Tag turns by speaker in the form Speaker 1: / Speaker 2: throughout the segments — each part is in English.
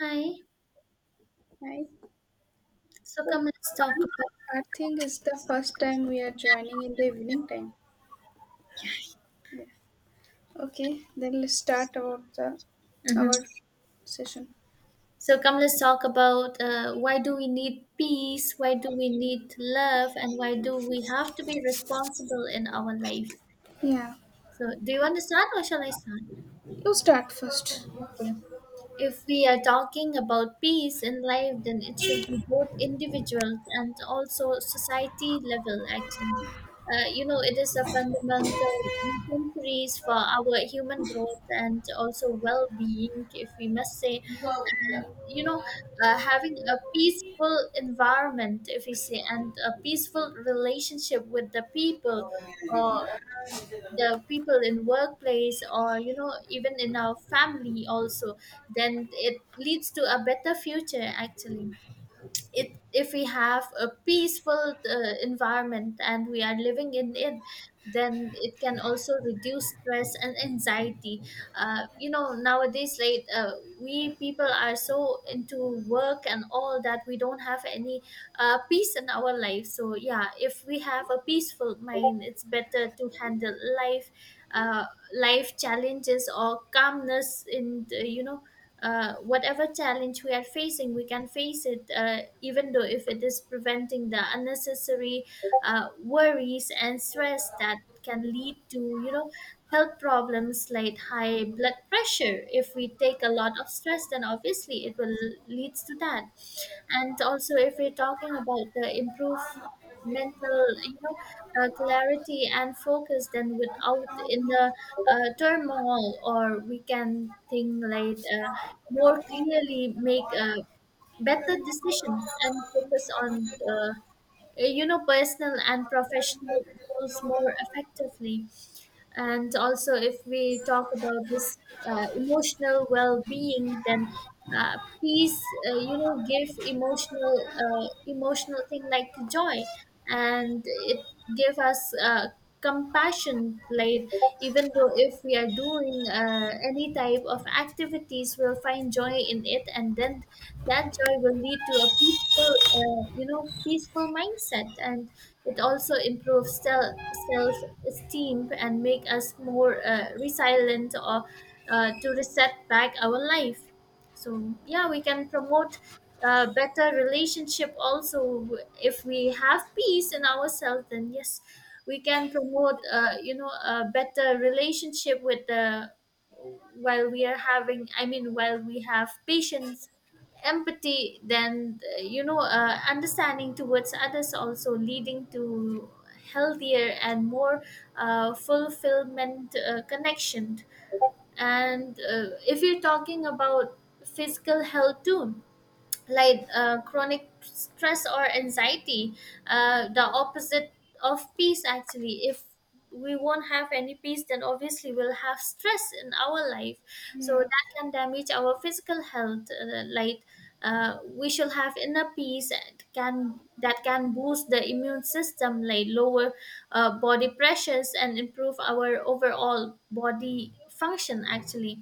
Speaker 1: Hi.
Speaker 2: Right.
Speaker 1: So
Speaker 2: So
Speaker 1: come let's talk
Speaker 2: fun.
Speaker 1: about.
Speaker 2: I think it's the first time we are joining in the evening time. Yeah. Okay. Then let's start about the
Speaker 1: Mhm.
Speaker 2: our session.
Speaker 1: So come let's talk about why do we need peace? Why do we need love? And why do we have to be responsible in our life?
Speaker 2: Yeah.
Speaker 1: So do you want to start or shall I start?
Speaker 2: You start first.
Speaker 1: Okay. If we are talking about peace in life, then it should be both individual and also society level, actually. It is a fundamental necessities for our human growth and also well being, if we must say. Having a peaceful environment, if we say, and a peaceful relationship with the people. Or the people in workplace or even in our family also, then it leads to a better future actually. It If we have a peaceful environment and we are living in it, then it can also reduce stress and anxiety. Nowadays we people are so into work and all that we don't have any peace in our life. So yeah, if we have a peaceful mind, it's better to handle life, uh, life challenges, or calmness in the, whatever challenge we are facing, we can face it, even though if it is preventing the unnecessary worries and stress that can lead to, health problems like high blood pressure. If we take a lot of stress, then obviously it will leads to that. And also, if we're talking about the improve mental, clarity and focus, then without in the turmoil, or we can think more clearly, make a better decision, and focus on, personal and professional goals more effectively. And also if we talk about this emotional well-being, then uh, peace give emotional emotional thing like joy, and it give us compassion, like even though if we are doing any type of activities, we'll find joy in it, and then that joy will lead to a peaceful peaceful mindset. And it also improves self esteem and make us more resilient, or to reset back our life. So yeah, we can promote better relationship also. If we have peace in ourselves, then yes, we can promote a better relationship with the while we are having. I mean, while we have patience empathy, then understanding towards others, also leading to healthier and more fulfillment connection. And if you're talking about physical health too, chronic stress or anxiety, the opposite of peace actually. If we won't have any peace, then obviously we'll have stress in our life, so
Speaker 2: Yeah.
Speaker 1: that can damage our physical health. We should have inner peace, and can that can boost the immune system, like lower body pressures and improve our overall body function actually.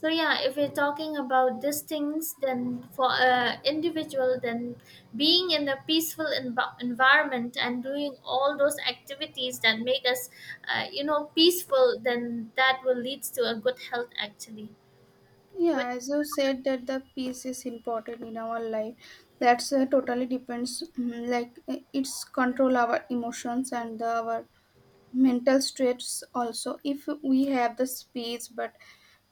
Speaker 1: So yeah, if we're talking about these things, then for a individual, then being in a peaceful environment and doing all those activities that make us peaceful, then that will lead to a good health actually. What?
Speaker 2: Yeah, as you said that the peace is important in our life. That's totally depends. Like it's control our emotions and our mental stress also, if we have the space but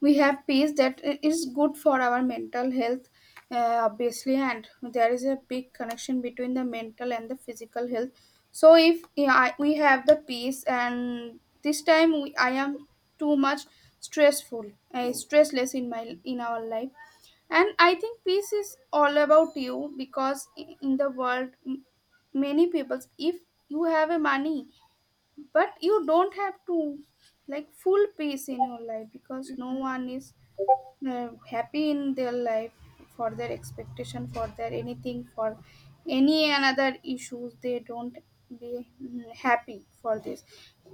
Speaker 2: we have peace that is good for our mental health obviously, and there is a big connection between the mental and the physical health. So if yeah, we have the peace, and this time I am too much stressful, stressless, in our life. And I think peace is all about you, because in the world, many people, if you have a money but you don't have to like full peace in your life, because no one is happy in their life, for their expectation, for their anything, for any another issues they don't be happy for this.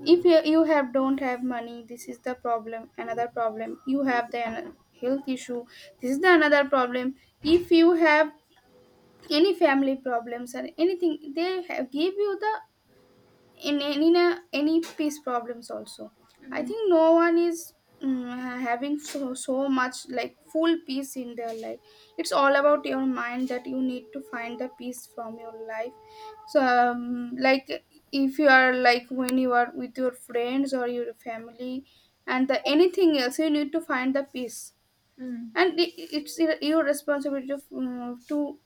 Speaker 2: If you have don't have money, this is the problem. Another problem, you have the health issue. This is the another problem. If you have any family problems or anything, they have, give you the in any any peace problems also. I
Speaker 1: Mhm,
Speaker 2: think no one is having so much like full peace in their life. It's all about your mind, that you need to find the peace from your life. So like if you are like when you are with your friends or your family and anything else, you need to find the peace.
Speaker 1: mhm,
Speaker 2: And it's your responsibility to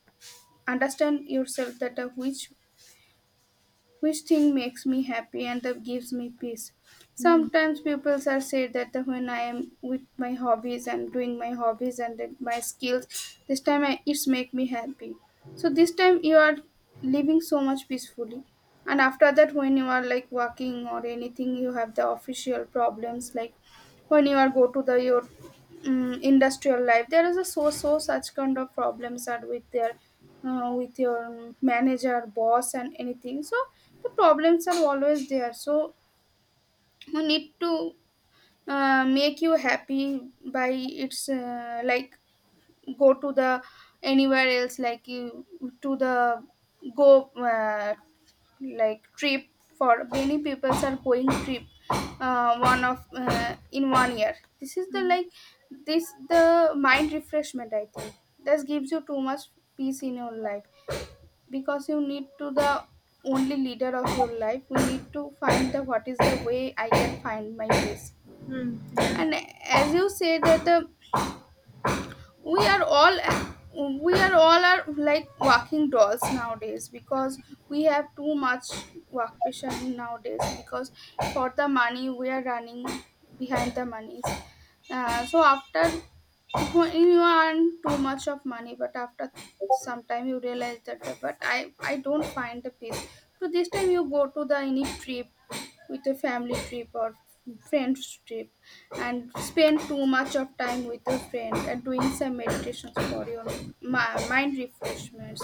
Speaker 2: understand yourself, that which thing makes me happy and that gives me peace.
Speaker 1: mhm,
Speaker 2: Sometimes people are said that when I am with my hobbies and doing my hobbies and then my skills, this time it's make me happy. So this time you are living so much peacefully, and after that, when you are like working or anything, you have the official problems, like when you are go to the your industrial life, there is a such kind of problems, that with your manager boss and anything. So the problems are always there, so you need to make you happy by its, like, go to the anywhere else, like you to the go, like trip. For many people are going trip, one of in one year, this is the
Speaker 1: mhm,
Speaker 2: like, this the mind refreshment, I think. This gives you too much peace in your life, because you need to the only leader of your life. We need to find the what is the way I can find my peace.
Speaker 1: mhm, mhm, yeah.
Speaker 2: And as you say that the, we are all we are all are like walking dolls nowadays, because we have too much work pressure nowadays, because for the money we are running behind the money. So after you earn too much of money, but after some time you realize that but I don't find the peace. So this time you go to the any trip, with a family trip or friends trip, and spend too much of time with a friend, and doing some meditations for your mind refreshments,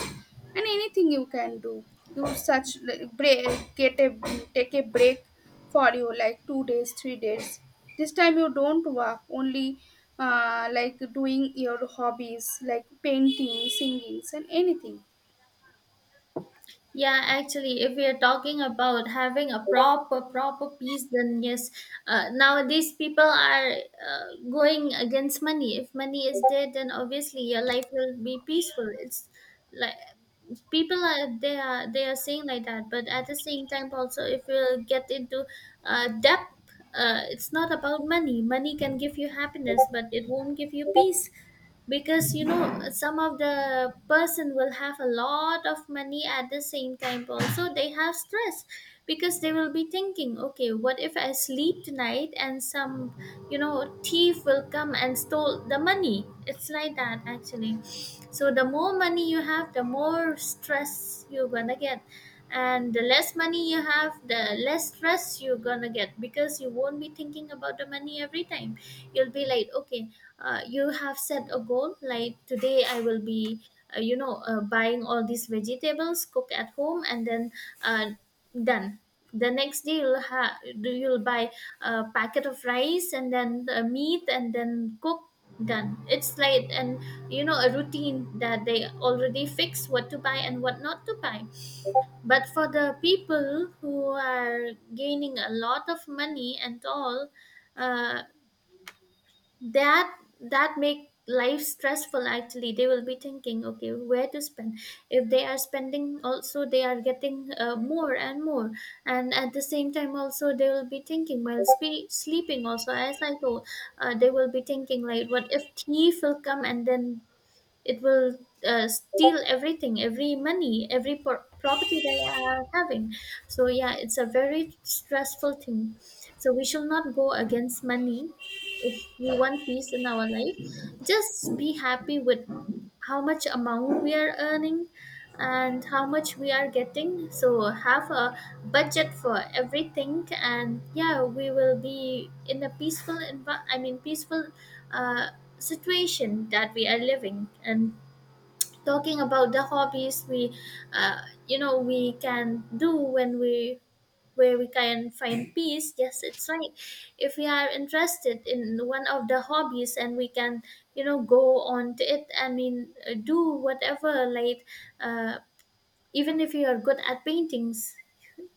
Speaker 2: and anything you can do. You such like break, get a take a break for you, like 2 days, 3 days. This time you don't work only, like doing your hobbies like painting, singings, and anything.
Speaker 1: Yeah, actually, if we are talking about having a proper, proper peace, then yes, nowadays people are going against money. If money is there, then obviously your life will be peaceful. It's like people are they are saying like that. But at the same time also, if you get into depth, it's not about money can give you happiness, but it won't give you peace. Because you know, some of the person will have a lot of money, at the same time also they have stress, because they will be thinking, okay, what if I sleep tonight and some thief will come and stole the money? It's like that actually. So the more money you have, the more stress you're gonna get. And the less money you have, the less stress you're gonna get, because you won't be thinking about the money every time. You'll be like, okay, you have set a goal like today I will be buying all these vegetables, cook at home, and then uh, done. The next day you'll ha- do you'll buy a packet of rice and then the meat and then cook, done. It's like, and a routine that they already fix, what to buy and what not to buy. But for the people who are gaining a lot of money and all, uh, that that make life stressful actually. They will be thinking, okay, where to spend. If they are spending also, they are getting more and more. And at the same time also they will be thinking while sleeping also, as I told, they will be thinking like, what if thief will come, and then it will steal everything, every money, every property they are having. So yeah, it's a very stressful thing. So we shall not go against money if we want peace in our life. Just be happy with how much amount we are earning and how much we are getting. So have a budget for everything, and yeah, we will be in a peaceful I mean peaceful uh, situation that we are living. And talking about the hobbies, we uh, we can do when we where we can find peace, yes it's right. If we are interested in one of the hobbies, and we can go on to it, I mean do whatever like uh, even if you are good at paintings,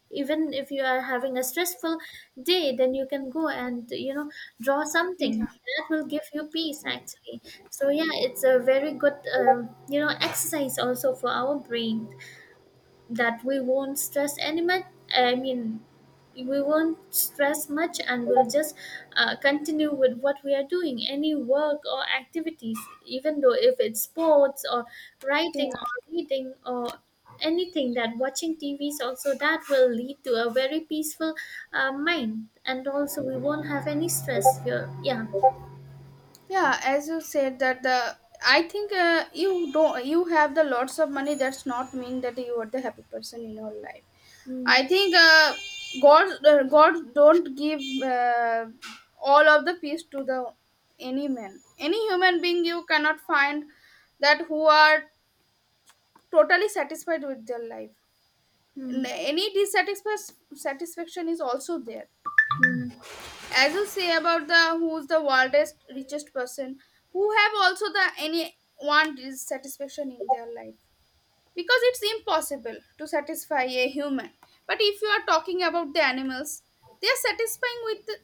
Speaker 1: even if you are having a stressful day, then you can go and draw something
Speaker 2: Yeah,
Speaker 1: that will give you peace
Speaker 2: yeah,
Speaker 1: actually. So yeah, it's a very good exercise also for our brain, that we won't stress any much. I mean, we won't stress much, and we'll just continue with what we are doing, any work or activities, even though if it's sports or
Speaker 2: yeah,
Speaker 1: writing or reading or anything, that watching tvs also, that will lead to a very peaceful mind, and also we won't have any stress here, yeah.
Speaker 2: yeah, as you said that the, I think you don't you have the lots of money, that's not mean that you are the happy person in your life.
Speaker 1: Mm,
Speaker 2: I think god don't give uh, all of the peace to the any man, any human being. You cannot find that who are totally satisfied with their life.
Speaker 1: mm,
Speaker 2: Any dissatisfaction, satisfaction is also there.
Speaker 1: mm,
Speaker 2: As you say about the who's the world's richest person, who have also the any one dissatisfaction in their life, because it's impossible to satisfy a human. But if you are talking about the animals, they are satisfying with the,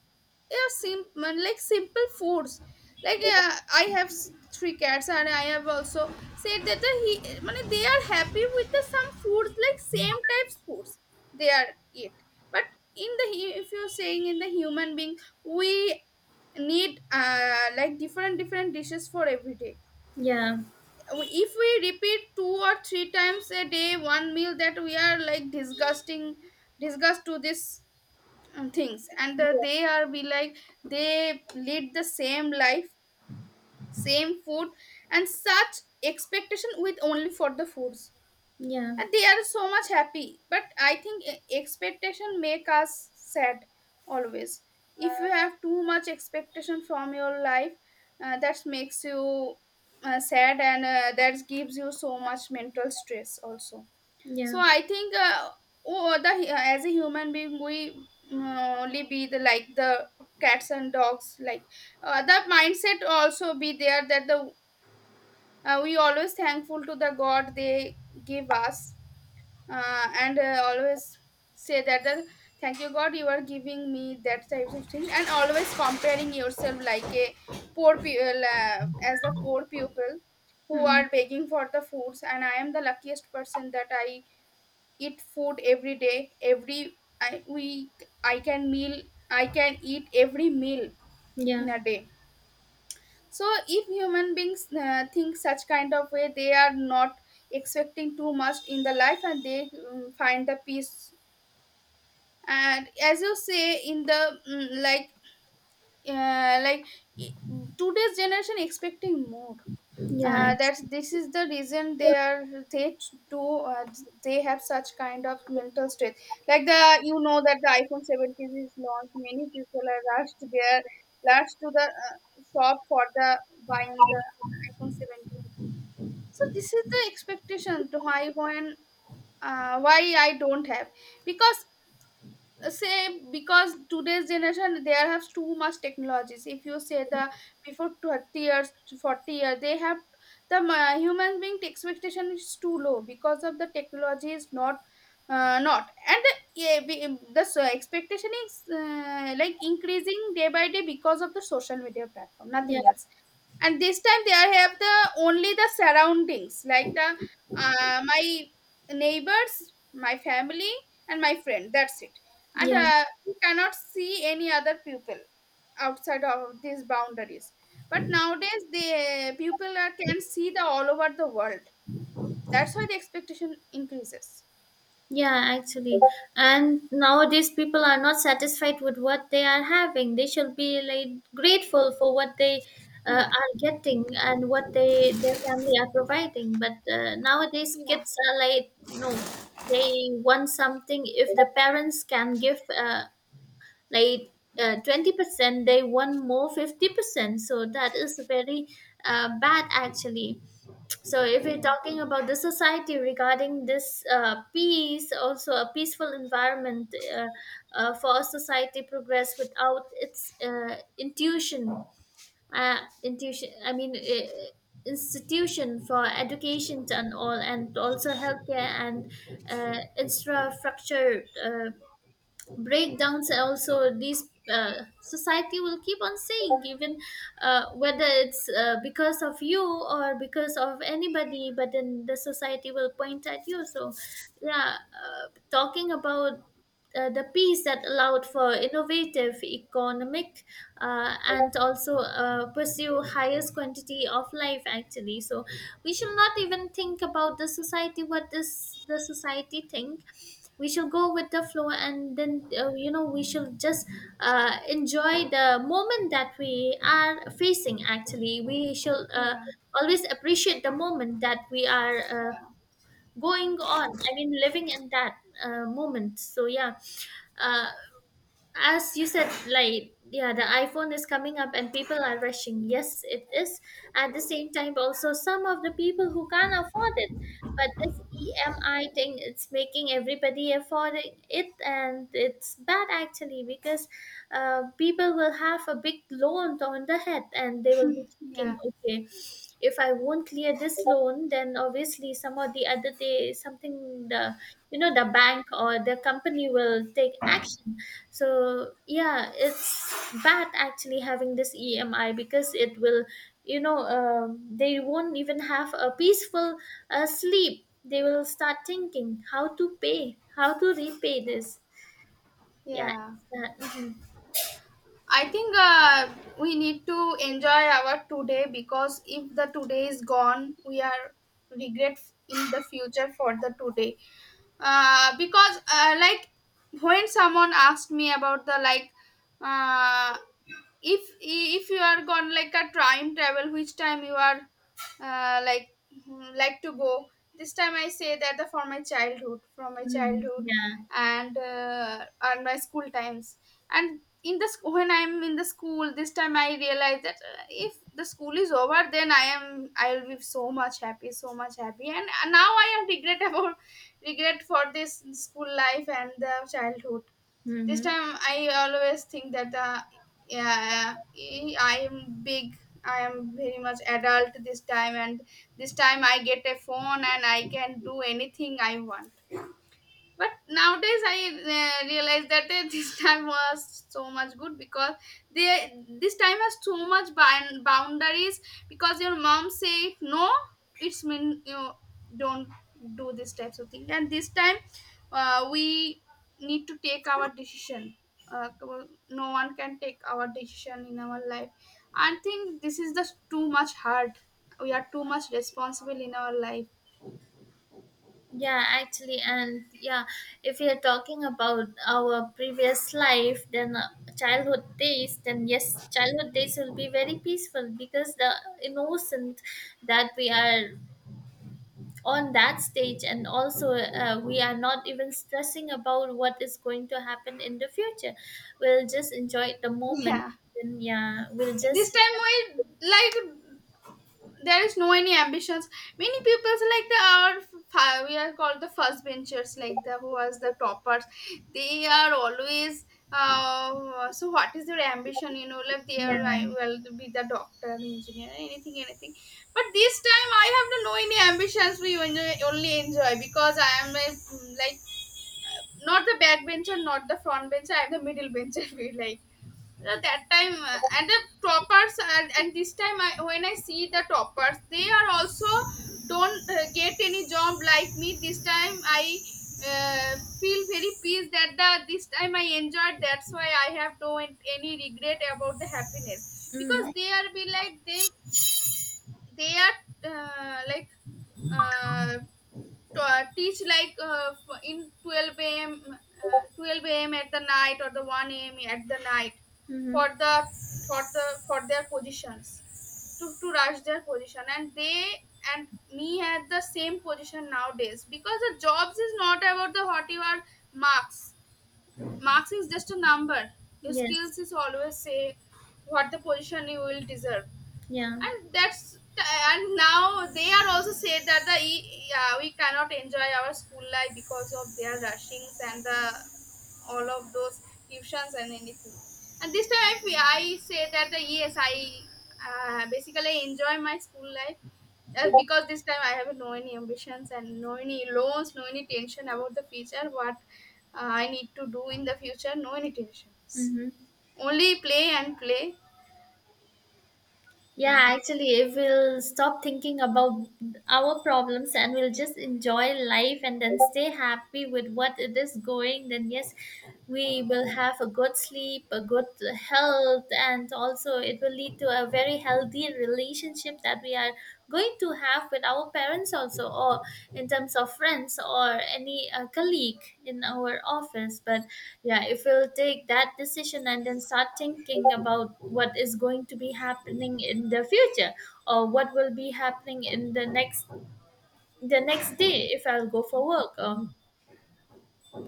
Speaker 2: they sim- like simple foods. Like I have three cats, and I have also said that the he, মানে they are happy with the some foods like same types foods they are eat. But in the if you're saying in the human being, we need like different different dishes for every day.
Speaker 1: yeah.
Speaker 2: If we repeat 2 or 3 times a day one meal, that we are like disgusting, disgust to this things, and
Speaker 1: Yeah.
Speaker 2: they are be like they lead the same life, same food, and such expectation with only for the foods,
Speaker 1: Yeah.
Speaker 2: and they are so much happy. But I think expectation make us sad, always. If you have too much expectation from your life, that makes you sad, and that gives you so much mental stress also.
Speaker 1: Yeah.
Speaker 2: So I think oh, as a human being, we only be the like the cats and dogs, like the mindset also be there, that the we always thankful to the god. They give us, and always say that the, thank you god, you are giving me that type of thing, and always comparing yourself like a poor people, as the poor people who
Speaker 1: Mm,
Speaker 2: are begging for the foods, and I am the luckiest person, that I eat food every day. Every I, we i can meal i can eat every meal
Speaker 1: yeah.
Speaker 2: in a day. So if human beings think such kind of way, they are not expecting too much in the life, and they find the peace. And as you say in the, like like, today's generation expecting more,
Speaker 1: Yeah. It's,
Speaker 2: that's, this is the reason they are they do they have such kind of mental stress, like the, that the iphone 17 is launched. Many people are rushed to the shop for the buying the iphone 17. So this is the expectation, to why when why I don't have, because because today's generation there has too much technologies. If you say the before 30 years to 40 years, they have the, human being expectation is too low, because of the technology is not, not, and the, yeah, we- the so expectation is like increasing day by day, because of the social media platform,
Speaker 1: yeah.
Speaker 2: nothing else. And this time they have the only the surroundings, like the, my neighbors, my family, and my friend, that's it. And
Speaker 1: Yeah,
Speaker 2: we cannot see any other people outside of these boundaries. But nowadays the people can see the all over the world. That's why the expectation increases.
Speaker 1: yeah, actually. And nowadays, people are not satisfied with what they are having. They should be like grateful for what they
Speaker 2: Yeah,
Speaker 1: are getting and what they their family are providing. But nowadays,
Speaker 2: yeah,
Speaker 1: kids are like no, they want something. If the parents can give like 20%, they want more 50%. So that is very bad, actually. So if we're
Speaker 2: yeah,
Speaker 1: talking about the society regarding this peace, also a peaceful environment, for a society progress without its uh, intuition, I mean institution for education and all, and also healthcare and infrastructure breakdowns, also this society will keep on saying, even whether it's because of you or because of anybody, but then the society will point at you. So yeah, talking about the peace that allowed for innovative economic and also pursue highest quantity of life actually. So we should not even think about the society, what does the society think. We should go with the flow, and then we should just enjoy the moment that we are facing actually. We should
Speaker 2: yeah,
Speaker 1: always appreciate the moment that we are
Speaker 2: yeah,
Speaker 1: going on, I mean living in that moment. So yeah, uh, as you said like, yeah, the iphone is coming up and people are rushing, yes it is. At the same time also, some of the people who can't afford it, but this EMI thing, it's making everybody afford it, and it's bad actually, because people will have a big loan on the head, and they will be thinking,
Speaker 2: yeah,
Speaker 1: okay, if I won't clear this loan, then obviously some or the other day, something, the the bank or the company will take action. So yeah, it's bad actually having this EMI, because it will they won't even have a peaceful sleep. They will start thinking, how to pay, how to repay this, yeah,
Speaker 2: yeah.
Speaker 1: it's that. Mhm.
Speaker 2: I think we need to enjoy our today, because if the today is gone, we are regret in the future for the today. Because, like, when someone asked me about the, like, uh, if you are gone like a time travel, which time you are, like, like to go, this time I say that the, for my childhood, from my
Speaker 1: Mhm.
Speaker 2: childhood,
Speaker 1: Yeah.
Speaker 2: and my school times. And in the when I'm in the school, this time I realize that if the school is over, then I'll be so much happy, so much happy. And now I am regret about, regret for this school life and the childhood. This
Speaker 1: Hmm.
Speaker 2: time I always think that yeah, I am big. I am very much adult this time, and this time I get a phone and I can do anything I want. But nowadays I realized that this time was so much good, because they this time has so much boundaries, because your mom say no, it's mean you don't do this types of thing. And this time we need to take our decision. Well, no one can take our decision in our life. I think this is just too much hard. We are too much responsible in our life.
Speaker 1: Yeah, actually, and yeah, if we are talking about our previous life, then childhood days, then yes, childhood days will be very peaceful, because the innocent that we are on that stage, and also we are not even stressing about what is going to happen in the future. We'll just enjoy the moment,
Speaker 2: Yeah,
Speaker 1: and yeah, we'll
Speaker 2: this
Speaker 1: just
Speaker 2: time we like there is no any ambitions. Many people like we are called the first benchers, like the who was the toppers. They are always, so what is their ambition, like they are I
Speaker 1: yeah.
Speaker 2: will be the doctor, engineer, anything, anything. But this time I have no, no any ambitions. We only, only enjoy, because I am like not the back bencher, not the front bencher. I'm the middle bencher. We like, that time, and the toppers, and this time when I see the toppers, they are also don't get any job like me. This time I uh, feel very peace that the this time I enjoyed. That's why I have no any regret about the happiness because
Speaker 1: Mm-hmm.
Speaker 2: they are be like they are like uh, to teach like in 12 a.m. 12 a.m. at the night or the 1 a.m. at the night
Speaker 1: Mm-hmm.
Speaker 2: for the for their positions to rush their position, and they and me at the same position nowadays, because the jobs is not about the what you are. Marks, marks is just a number. Your
Speaker 1: Yes.
Speaker 2: skills is always say what the position you will deserve.
Speaker 1: Yeah.
Speaker 2: And that's and now they are also said that yeah, we cannot enjoy our school life because of their rushings and the all of those tuitions and anything. And this time I say that the yes I basically enjoy my school life because this time I have no any ambitions, and no any loans, no any tension about the future, what I need to do in the future. No any tensions.
Speaker 1: Mm-hmm.
Speaker 2: Only play and play.
Speaker 1: Yeah,
Speaker 2: Yeah.
Speaker 1: actually, if we'll stop thinking about our problems and we'll just enjoy life and then stay happy with what it is going, then yes, we will have a good sleep, a good health, and also it will lead to a very healthy relationship that we are going to have with our parents also or in terms of friends or any colleague in our office. But yeah, if we'll take that decision and then start thinking about what is going to be happening in the future or what will be happening in the next day, if I'll go for work or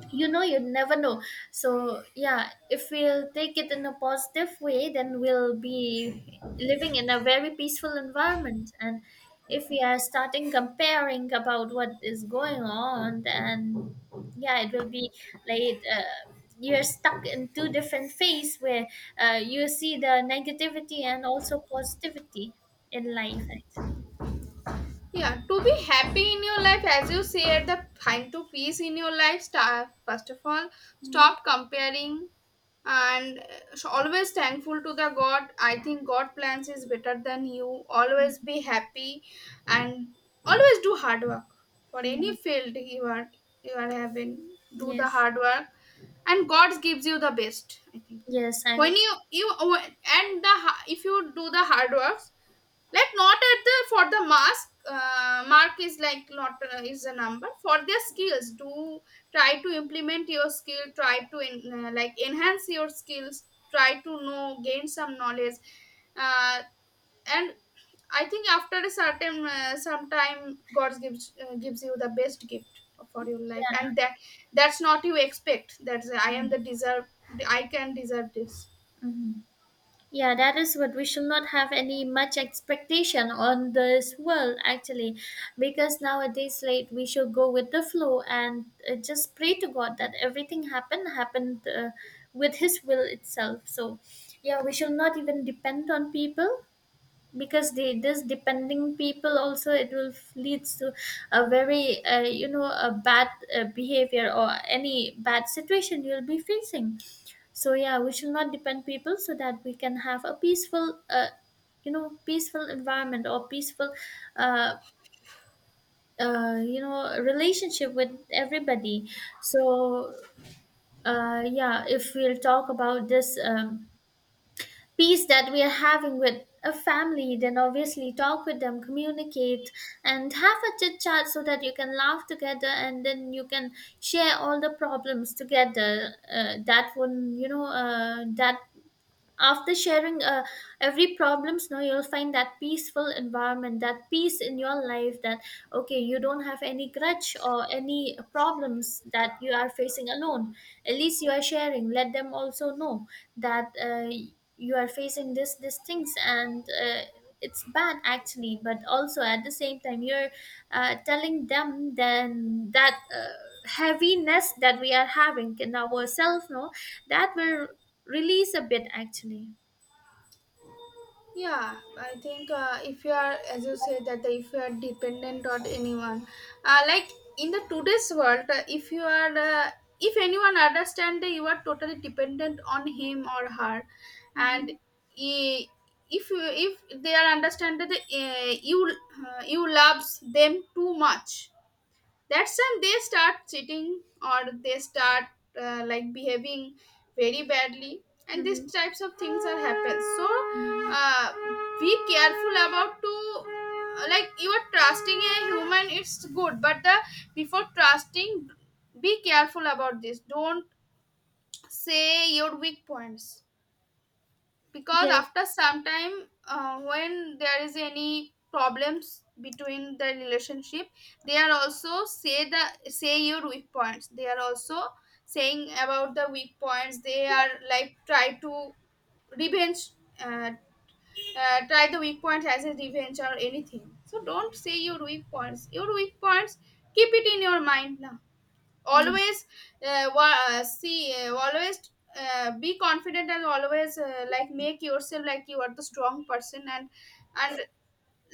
Speaker 1: you know, you never know. So yeah, if we'll take it in a positive way, then we'll be living in a very peaceful environment. And if we are starting comparing about what is going on, then yeah, it will be like you're stuck in two different phase where you see the negativity and also positivity in life actually.
Speaker 2: Yeah, to be happy in your life, as you said, the find to peace in your life, start, first of all,
Speaker 1: Hmm.
Speaker 2: stop comparing. And so always thankful to the God. I think God plans is better than you. Always be happy and always do hard work for
Speaker 1: Yeah.
Speaker 2: any field you are having. Do the
Speaker 1: Yes.
Speaker 2: hard work, and God gives you the best. I think
Speaker 1: Yes, i.
Speaker 2: when you and the if you do the hard works, like not at the for the mask, mark is like not is a number. For their skills, do try to implement your skill, try to like enhance your skills, try to know, gain some knowledge, uh, and I think after a certain some time God gives gives you the best gift for your life, and that's not you expect, that's I am the deserve, I can deserve this.
Speaker 1: Mm-hmm. Yeah, that is what we should not have any much expectation on this world actually, because nowadays, like we should go with the flow and just pray to God that everything happened with His will itself. So, yeah, we should not even depend on people, because they, this depending people also, it will leads to a very you know, a bad behavior or any bad situation you'll be facing. So yeah, we should not depend people so that we can have a peaceful you know, peaceful environment or peaceful uh, you know, relationship with everybody. So yeah, if we'll talk about this peace that we are having with a family, then obviously talk with them, communicate, and have a chit chat so that you can laugh together and then you can share all the problems together. That one, you know, that after sharing, every problems, no, you'll find that peaceful environment, that peace in your life, that okay, you don't have any grudge or any problems that you are facing alone. At least you are sharing, let them also know that you are facing this these things, and it's bad actually, but also at the same time, you're telling them then that heaviness that we are having in ourselves, no, that will Release a bit, actually.
Speaker 2: Yeah, I think if you are, as you say, that if you are dependent on anyone, uh, like in the today's world, if you are if anyone understand that you are totally dependent on him or her, and
Speaker 1: Hmm.
Speaker 2: i- if you if they are understand that you you loves them too much, that's when they start cheating or they start behaving very badly, and these
Speaker 1: Hmm.
Speaker 2: types of things are happen. So
Speaker 1: Hmm.
Speaker 2: uh, be careful about to you are trusting a human, it's good, but the before trusting, be careful about this. Don't say your weak points, because
Speaker 1: Yes.
Speaker 2: after some time, when there is any problems between the relationship, they are also say the say your weak points, they are also saying about the weak points, they are like try to revenge, uh, try the weak points as a revenge or anything. So don't say your weak points. Your weak points, keep it in your mind now
Speaker 1: y-
Speaker 2: always. See, always be confident and always make yourself like you are the strong person, and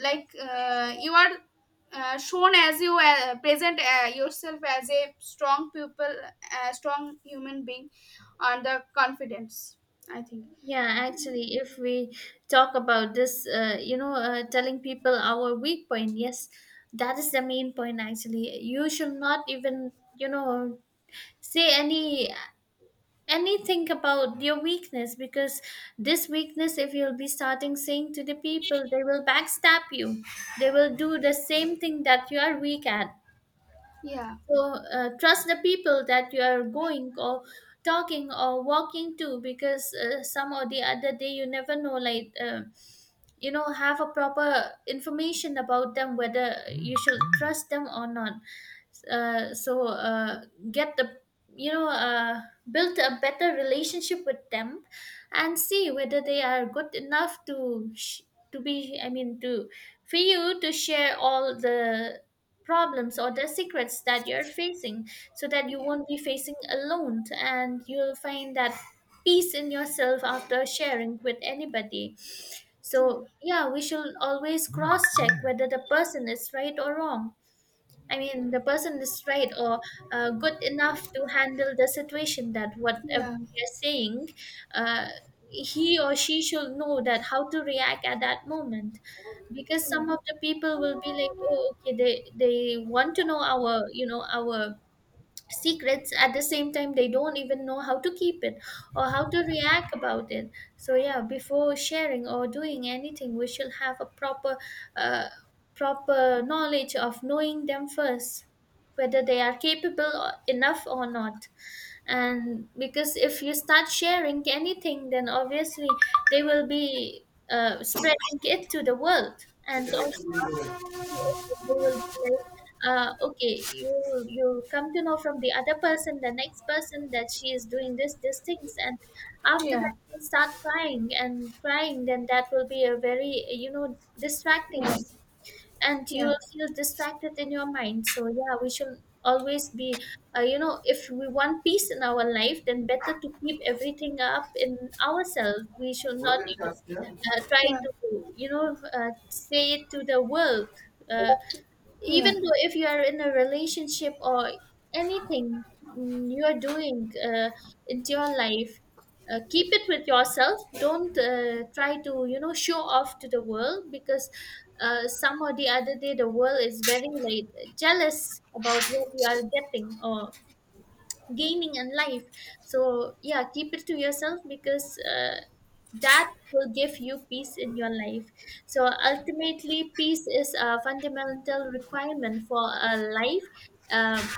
Speaker 2: like you are shown as you present yourself as a strong people, strong human being, and the confidence, I think.
Speaker 1: yeah, actually, if we talk about this, you know, telling people our weak point, yes, that is the main point actually. You should not even, you know, say anything about your weakness, because this weakness, if you'll be starting saying to the people, they will backstab you. They will do the same thing that you are weak at.
Speaker 2: Yeah.
Speaker 1: So trust the people that you are going or talking or walking to, because some or the other day, you never know, like you know, have a proper information about them whether you should trust them or not. So, get the, you know, build a better relationship with them and see whether they are good enough to to be, I mean, to for you to share all the problems or the secrets that you're facing, so that you
Speaker 2: Yeah.
Speaker 1: won't be facing alone and you'll find that peace in yourself after sharing with anybody. So yeah, we should always cross check whether the person is right or wrong. I mean, the person is right or good enough to handle the situation, that whatever
Speaker 2: Yeah.
Speaker 1: we are saying, uh, he or she should know that how to react at that moment. Because some of the people will be like, oh, okay, they want to know our, you know, our secrets at the same time they don't even know how to keep it or how to react about it. So yeah, before sharing or doing anything, we should have a proper uh, proper knowledge of knowing them first, whether they are enough or not. And because if you start sharing anything, then obviously they will be spreading it to the world. And also they will be like, okay, you come to know from the other person, the next person, that she is doing this these things, and
Speaker 2: Yeah.
Speaker 1: after
Speaker 2: Yeah.
Speaker 1: that you start crying and crying, then that will be a very, you know, distracting, and you
Speaker 2: Yeah.
Speaker 1: will feel distracted in your mind. So yeah, we should always be you know, if we want peace in our life, then better to keep everything up in ourselves. We should not even try
Speaker 2: Yeah.
Speaker 1: to, you know, say it to the world. uh, Even
Speaker 2: Yeah.
Speaker 1: though if you are in a relationship or anything, mm, you are doing into your life, keep it with yourself. Don't try to, you know, show off to the world, because some or the other day, the world is very like jealous about what you are getting or gaining in life. So yeah, keep it to yourself, because uh, that will give you peace in your life. So ultimately, peace is a fundamental requirement for a life, um,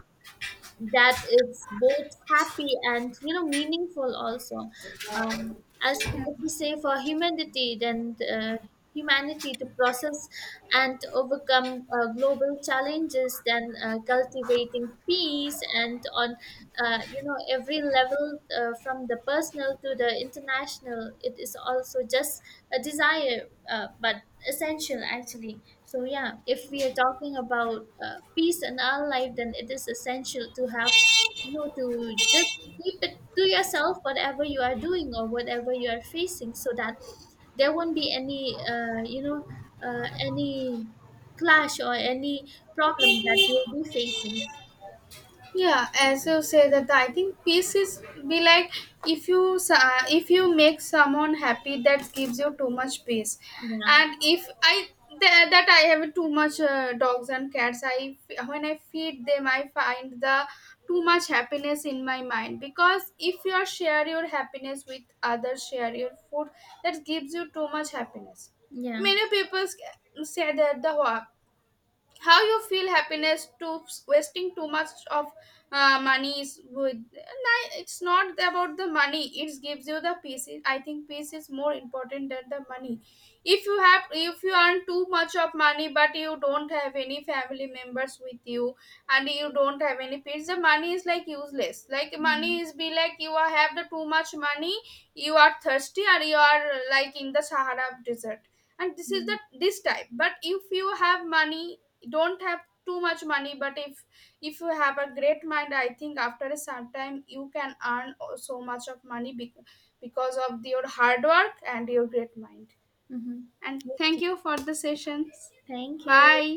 Speaker 1: that it's both happy and you know, meaningful also. um, as
Speaker 2: Yeah.
Speaker 1: if we say for humanity, then humanity to process and to overcome global challenges, then cultivating peace and on you know, every level, from the personal to the international, it is also just a desire but essential actually. So yeah, if we are talking about peace in our life, then it is essential to have, you know, to just keep it to yourself, whatever you are doing or whatever you are facing, so that there won't be any, you know, any clash or any problem that you will be facing.
Speaker 2: Yeah, as you say that, I think peace is be like, if you if you make someone happy, that gives you too much peace.
Speaker 1: Yeah,
Speaker 2: And if I that I have too much dogs and cats, I when I feed them, I find the too much happiness in my mind. Because if you are share your happiness with others, share your food, that gives you too much happiness.
Speaker 1: yeah,
Speaker 2: Many people say that the how you feel happiness to wasting too much of money is good. It's not about the money, it gives you the peace. I think peace is more important than the money. If you have, if you earn too much of money, but you don't have any family members with you, and you don't have any peace, the money is like useless. Like
Speaker 1: yeah,
Speaker 2: money is be like, you are have the too much money, you are thirsty and you are like in the Sahara desert. And this is
Speaker 1: yeah.
Speaker 2: the this type. But if you have money, don't have too much money, but if you have a great mind, I think after a some time you can earn so much of money, because of your hard work and your great mind.
Speaker 1: Mm-hmm.
Speaker 2: And thank
Speaker 1: Okay,
Speaker 2: you for the sessions.
Speaker 1: thank you.
Speaker 2: Bye.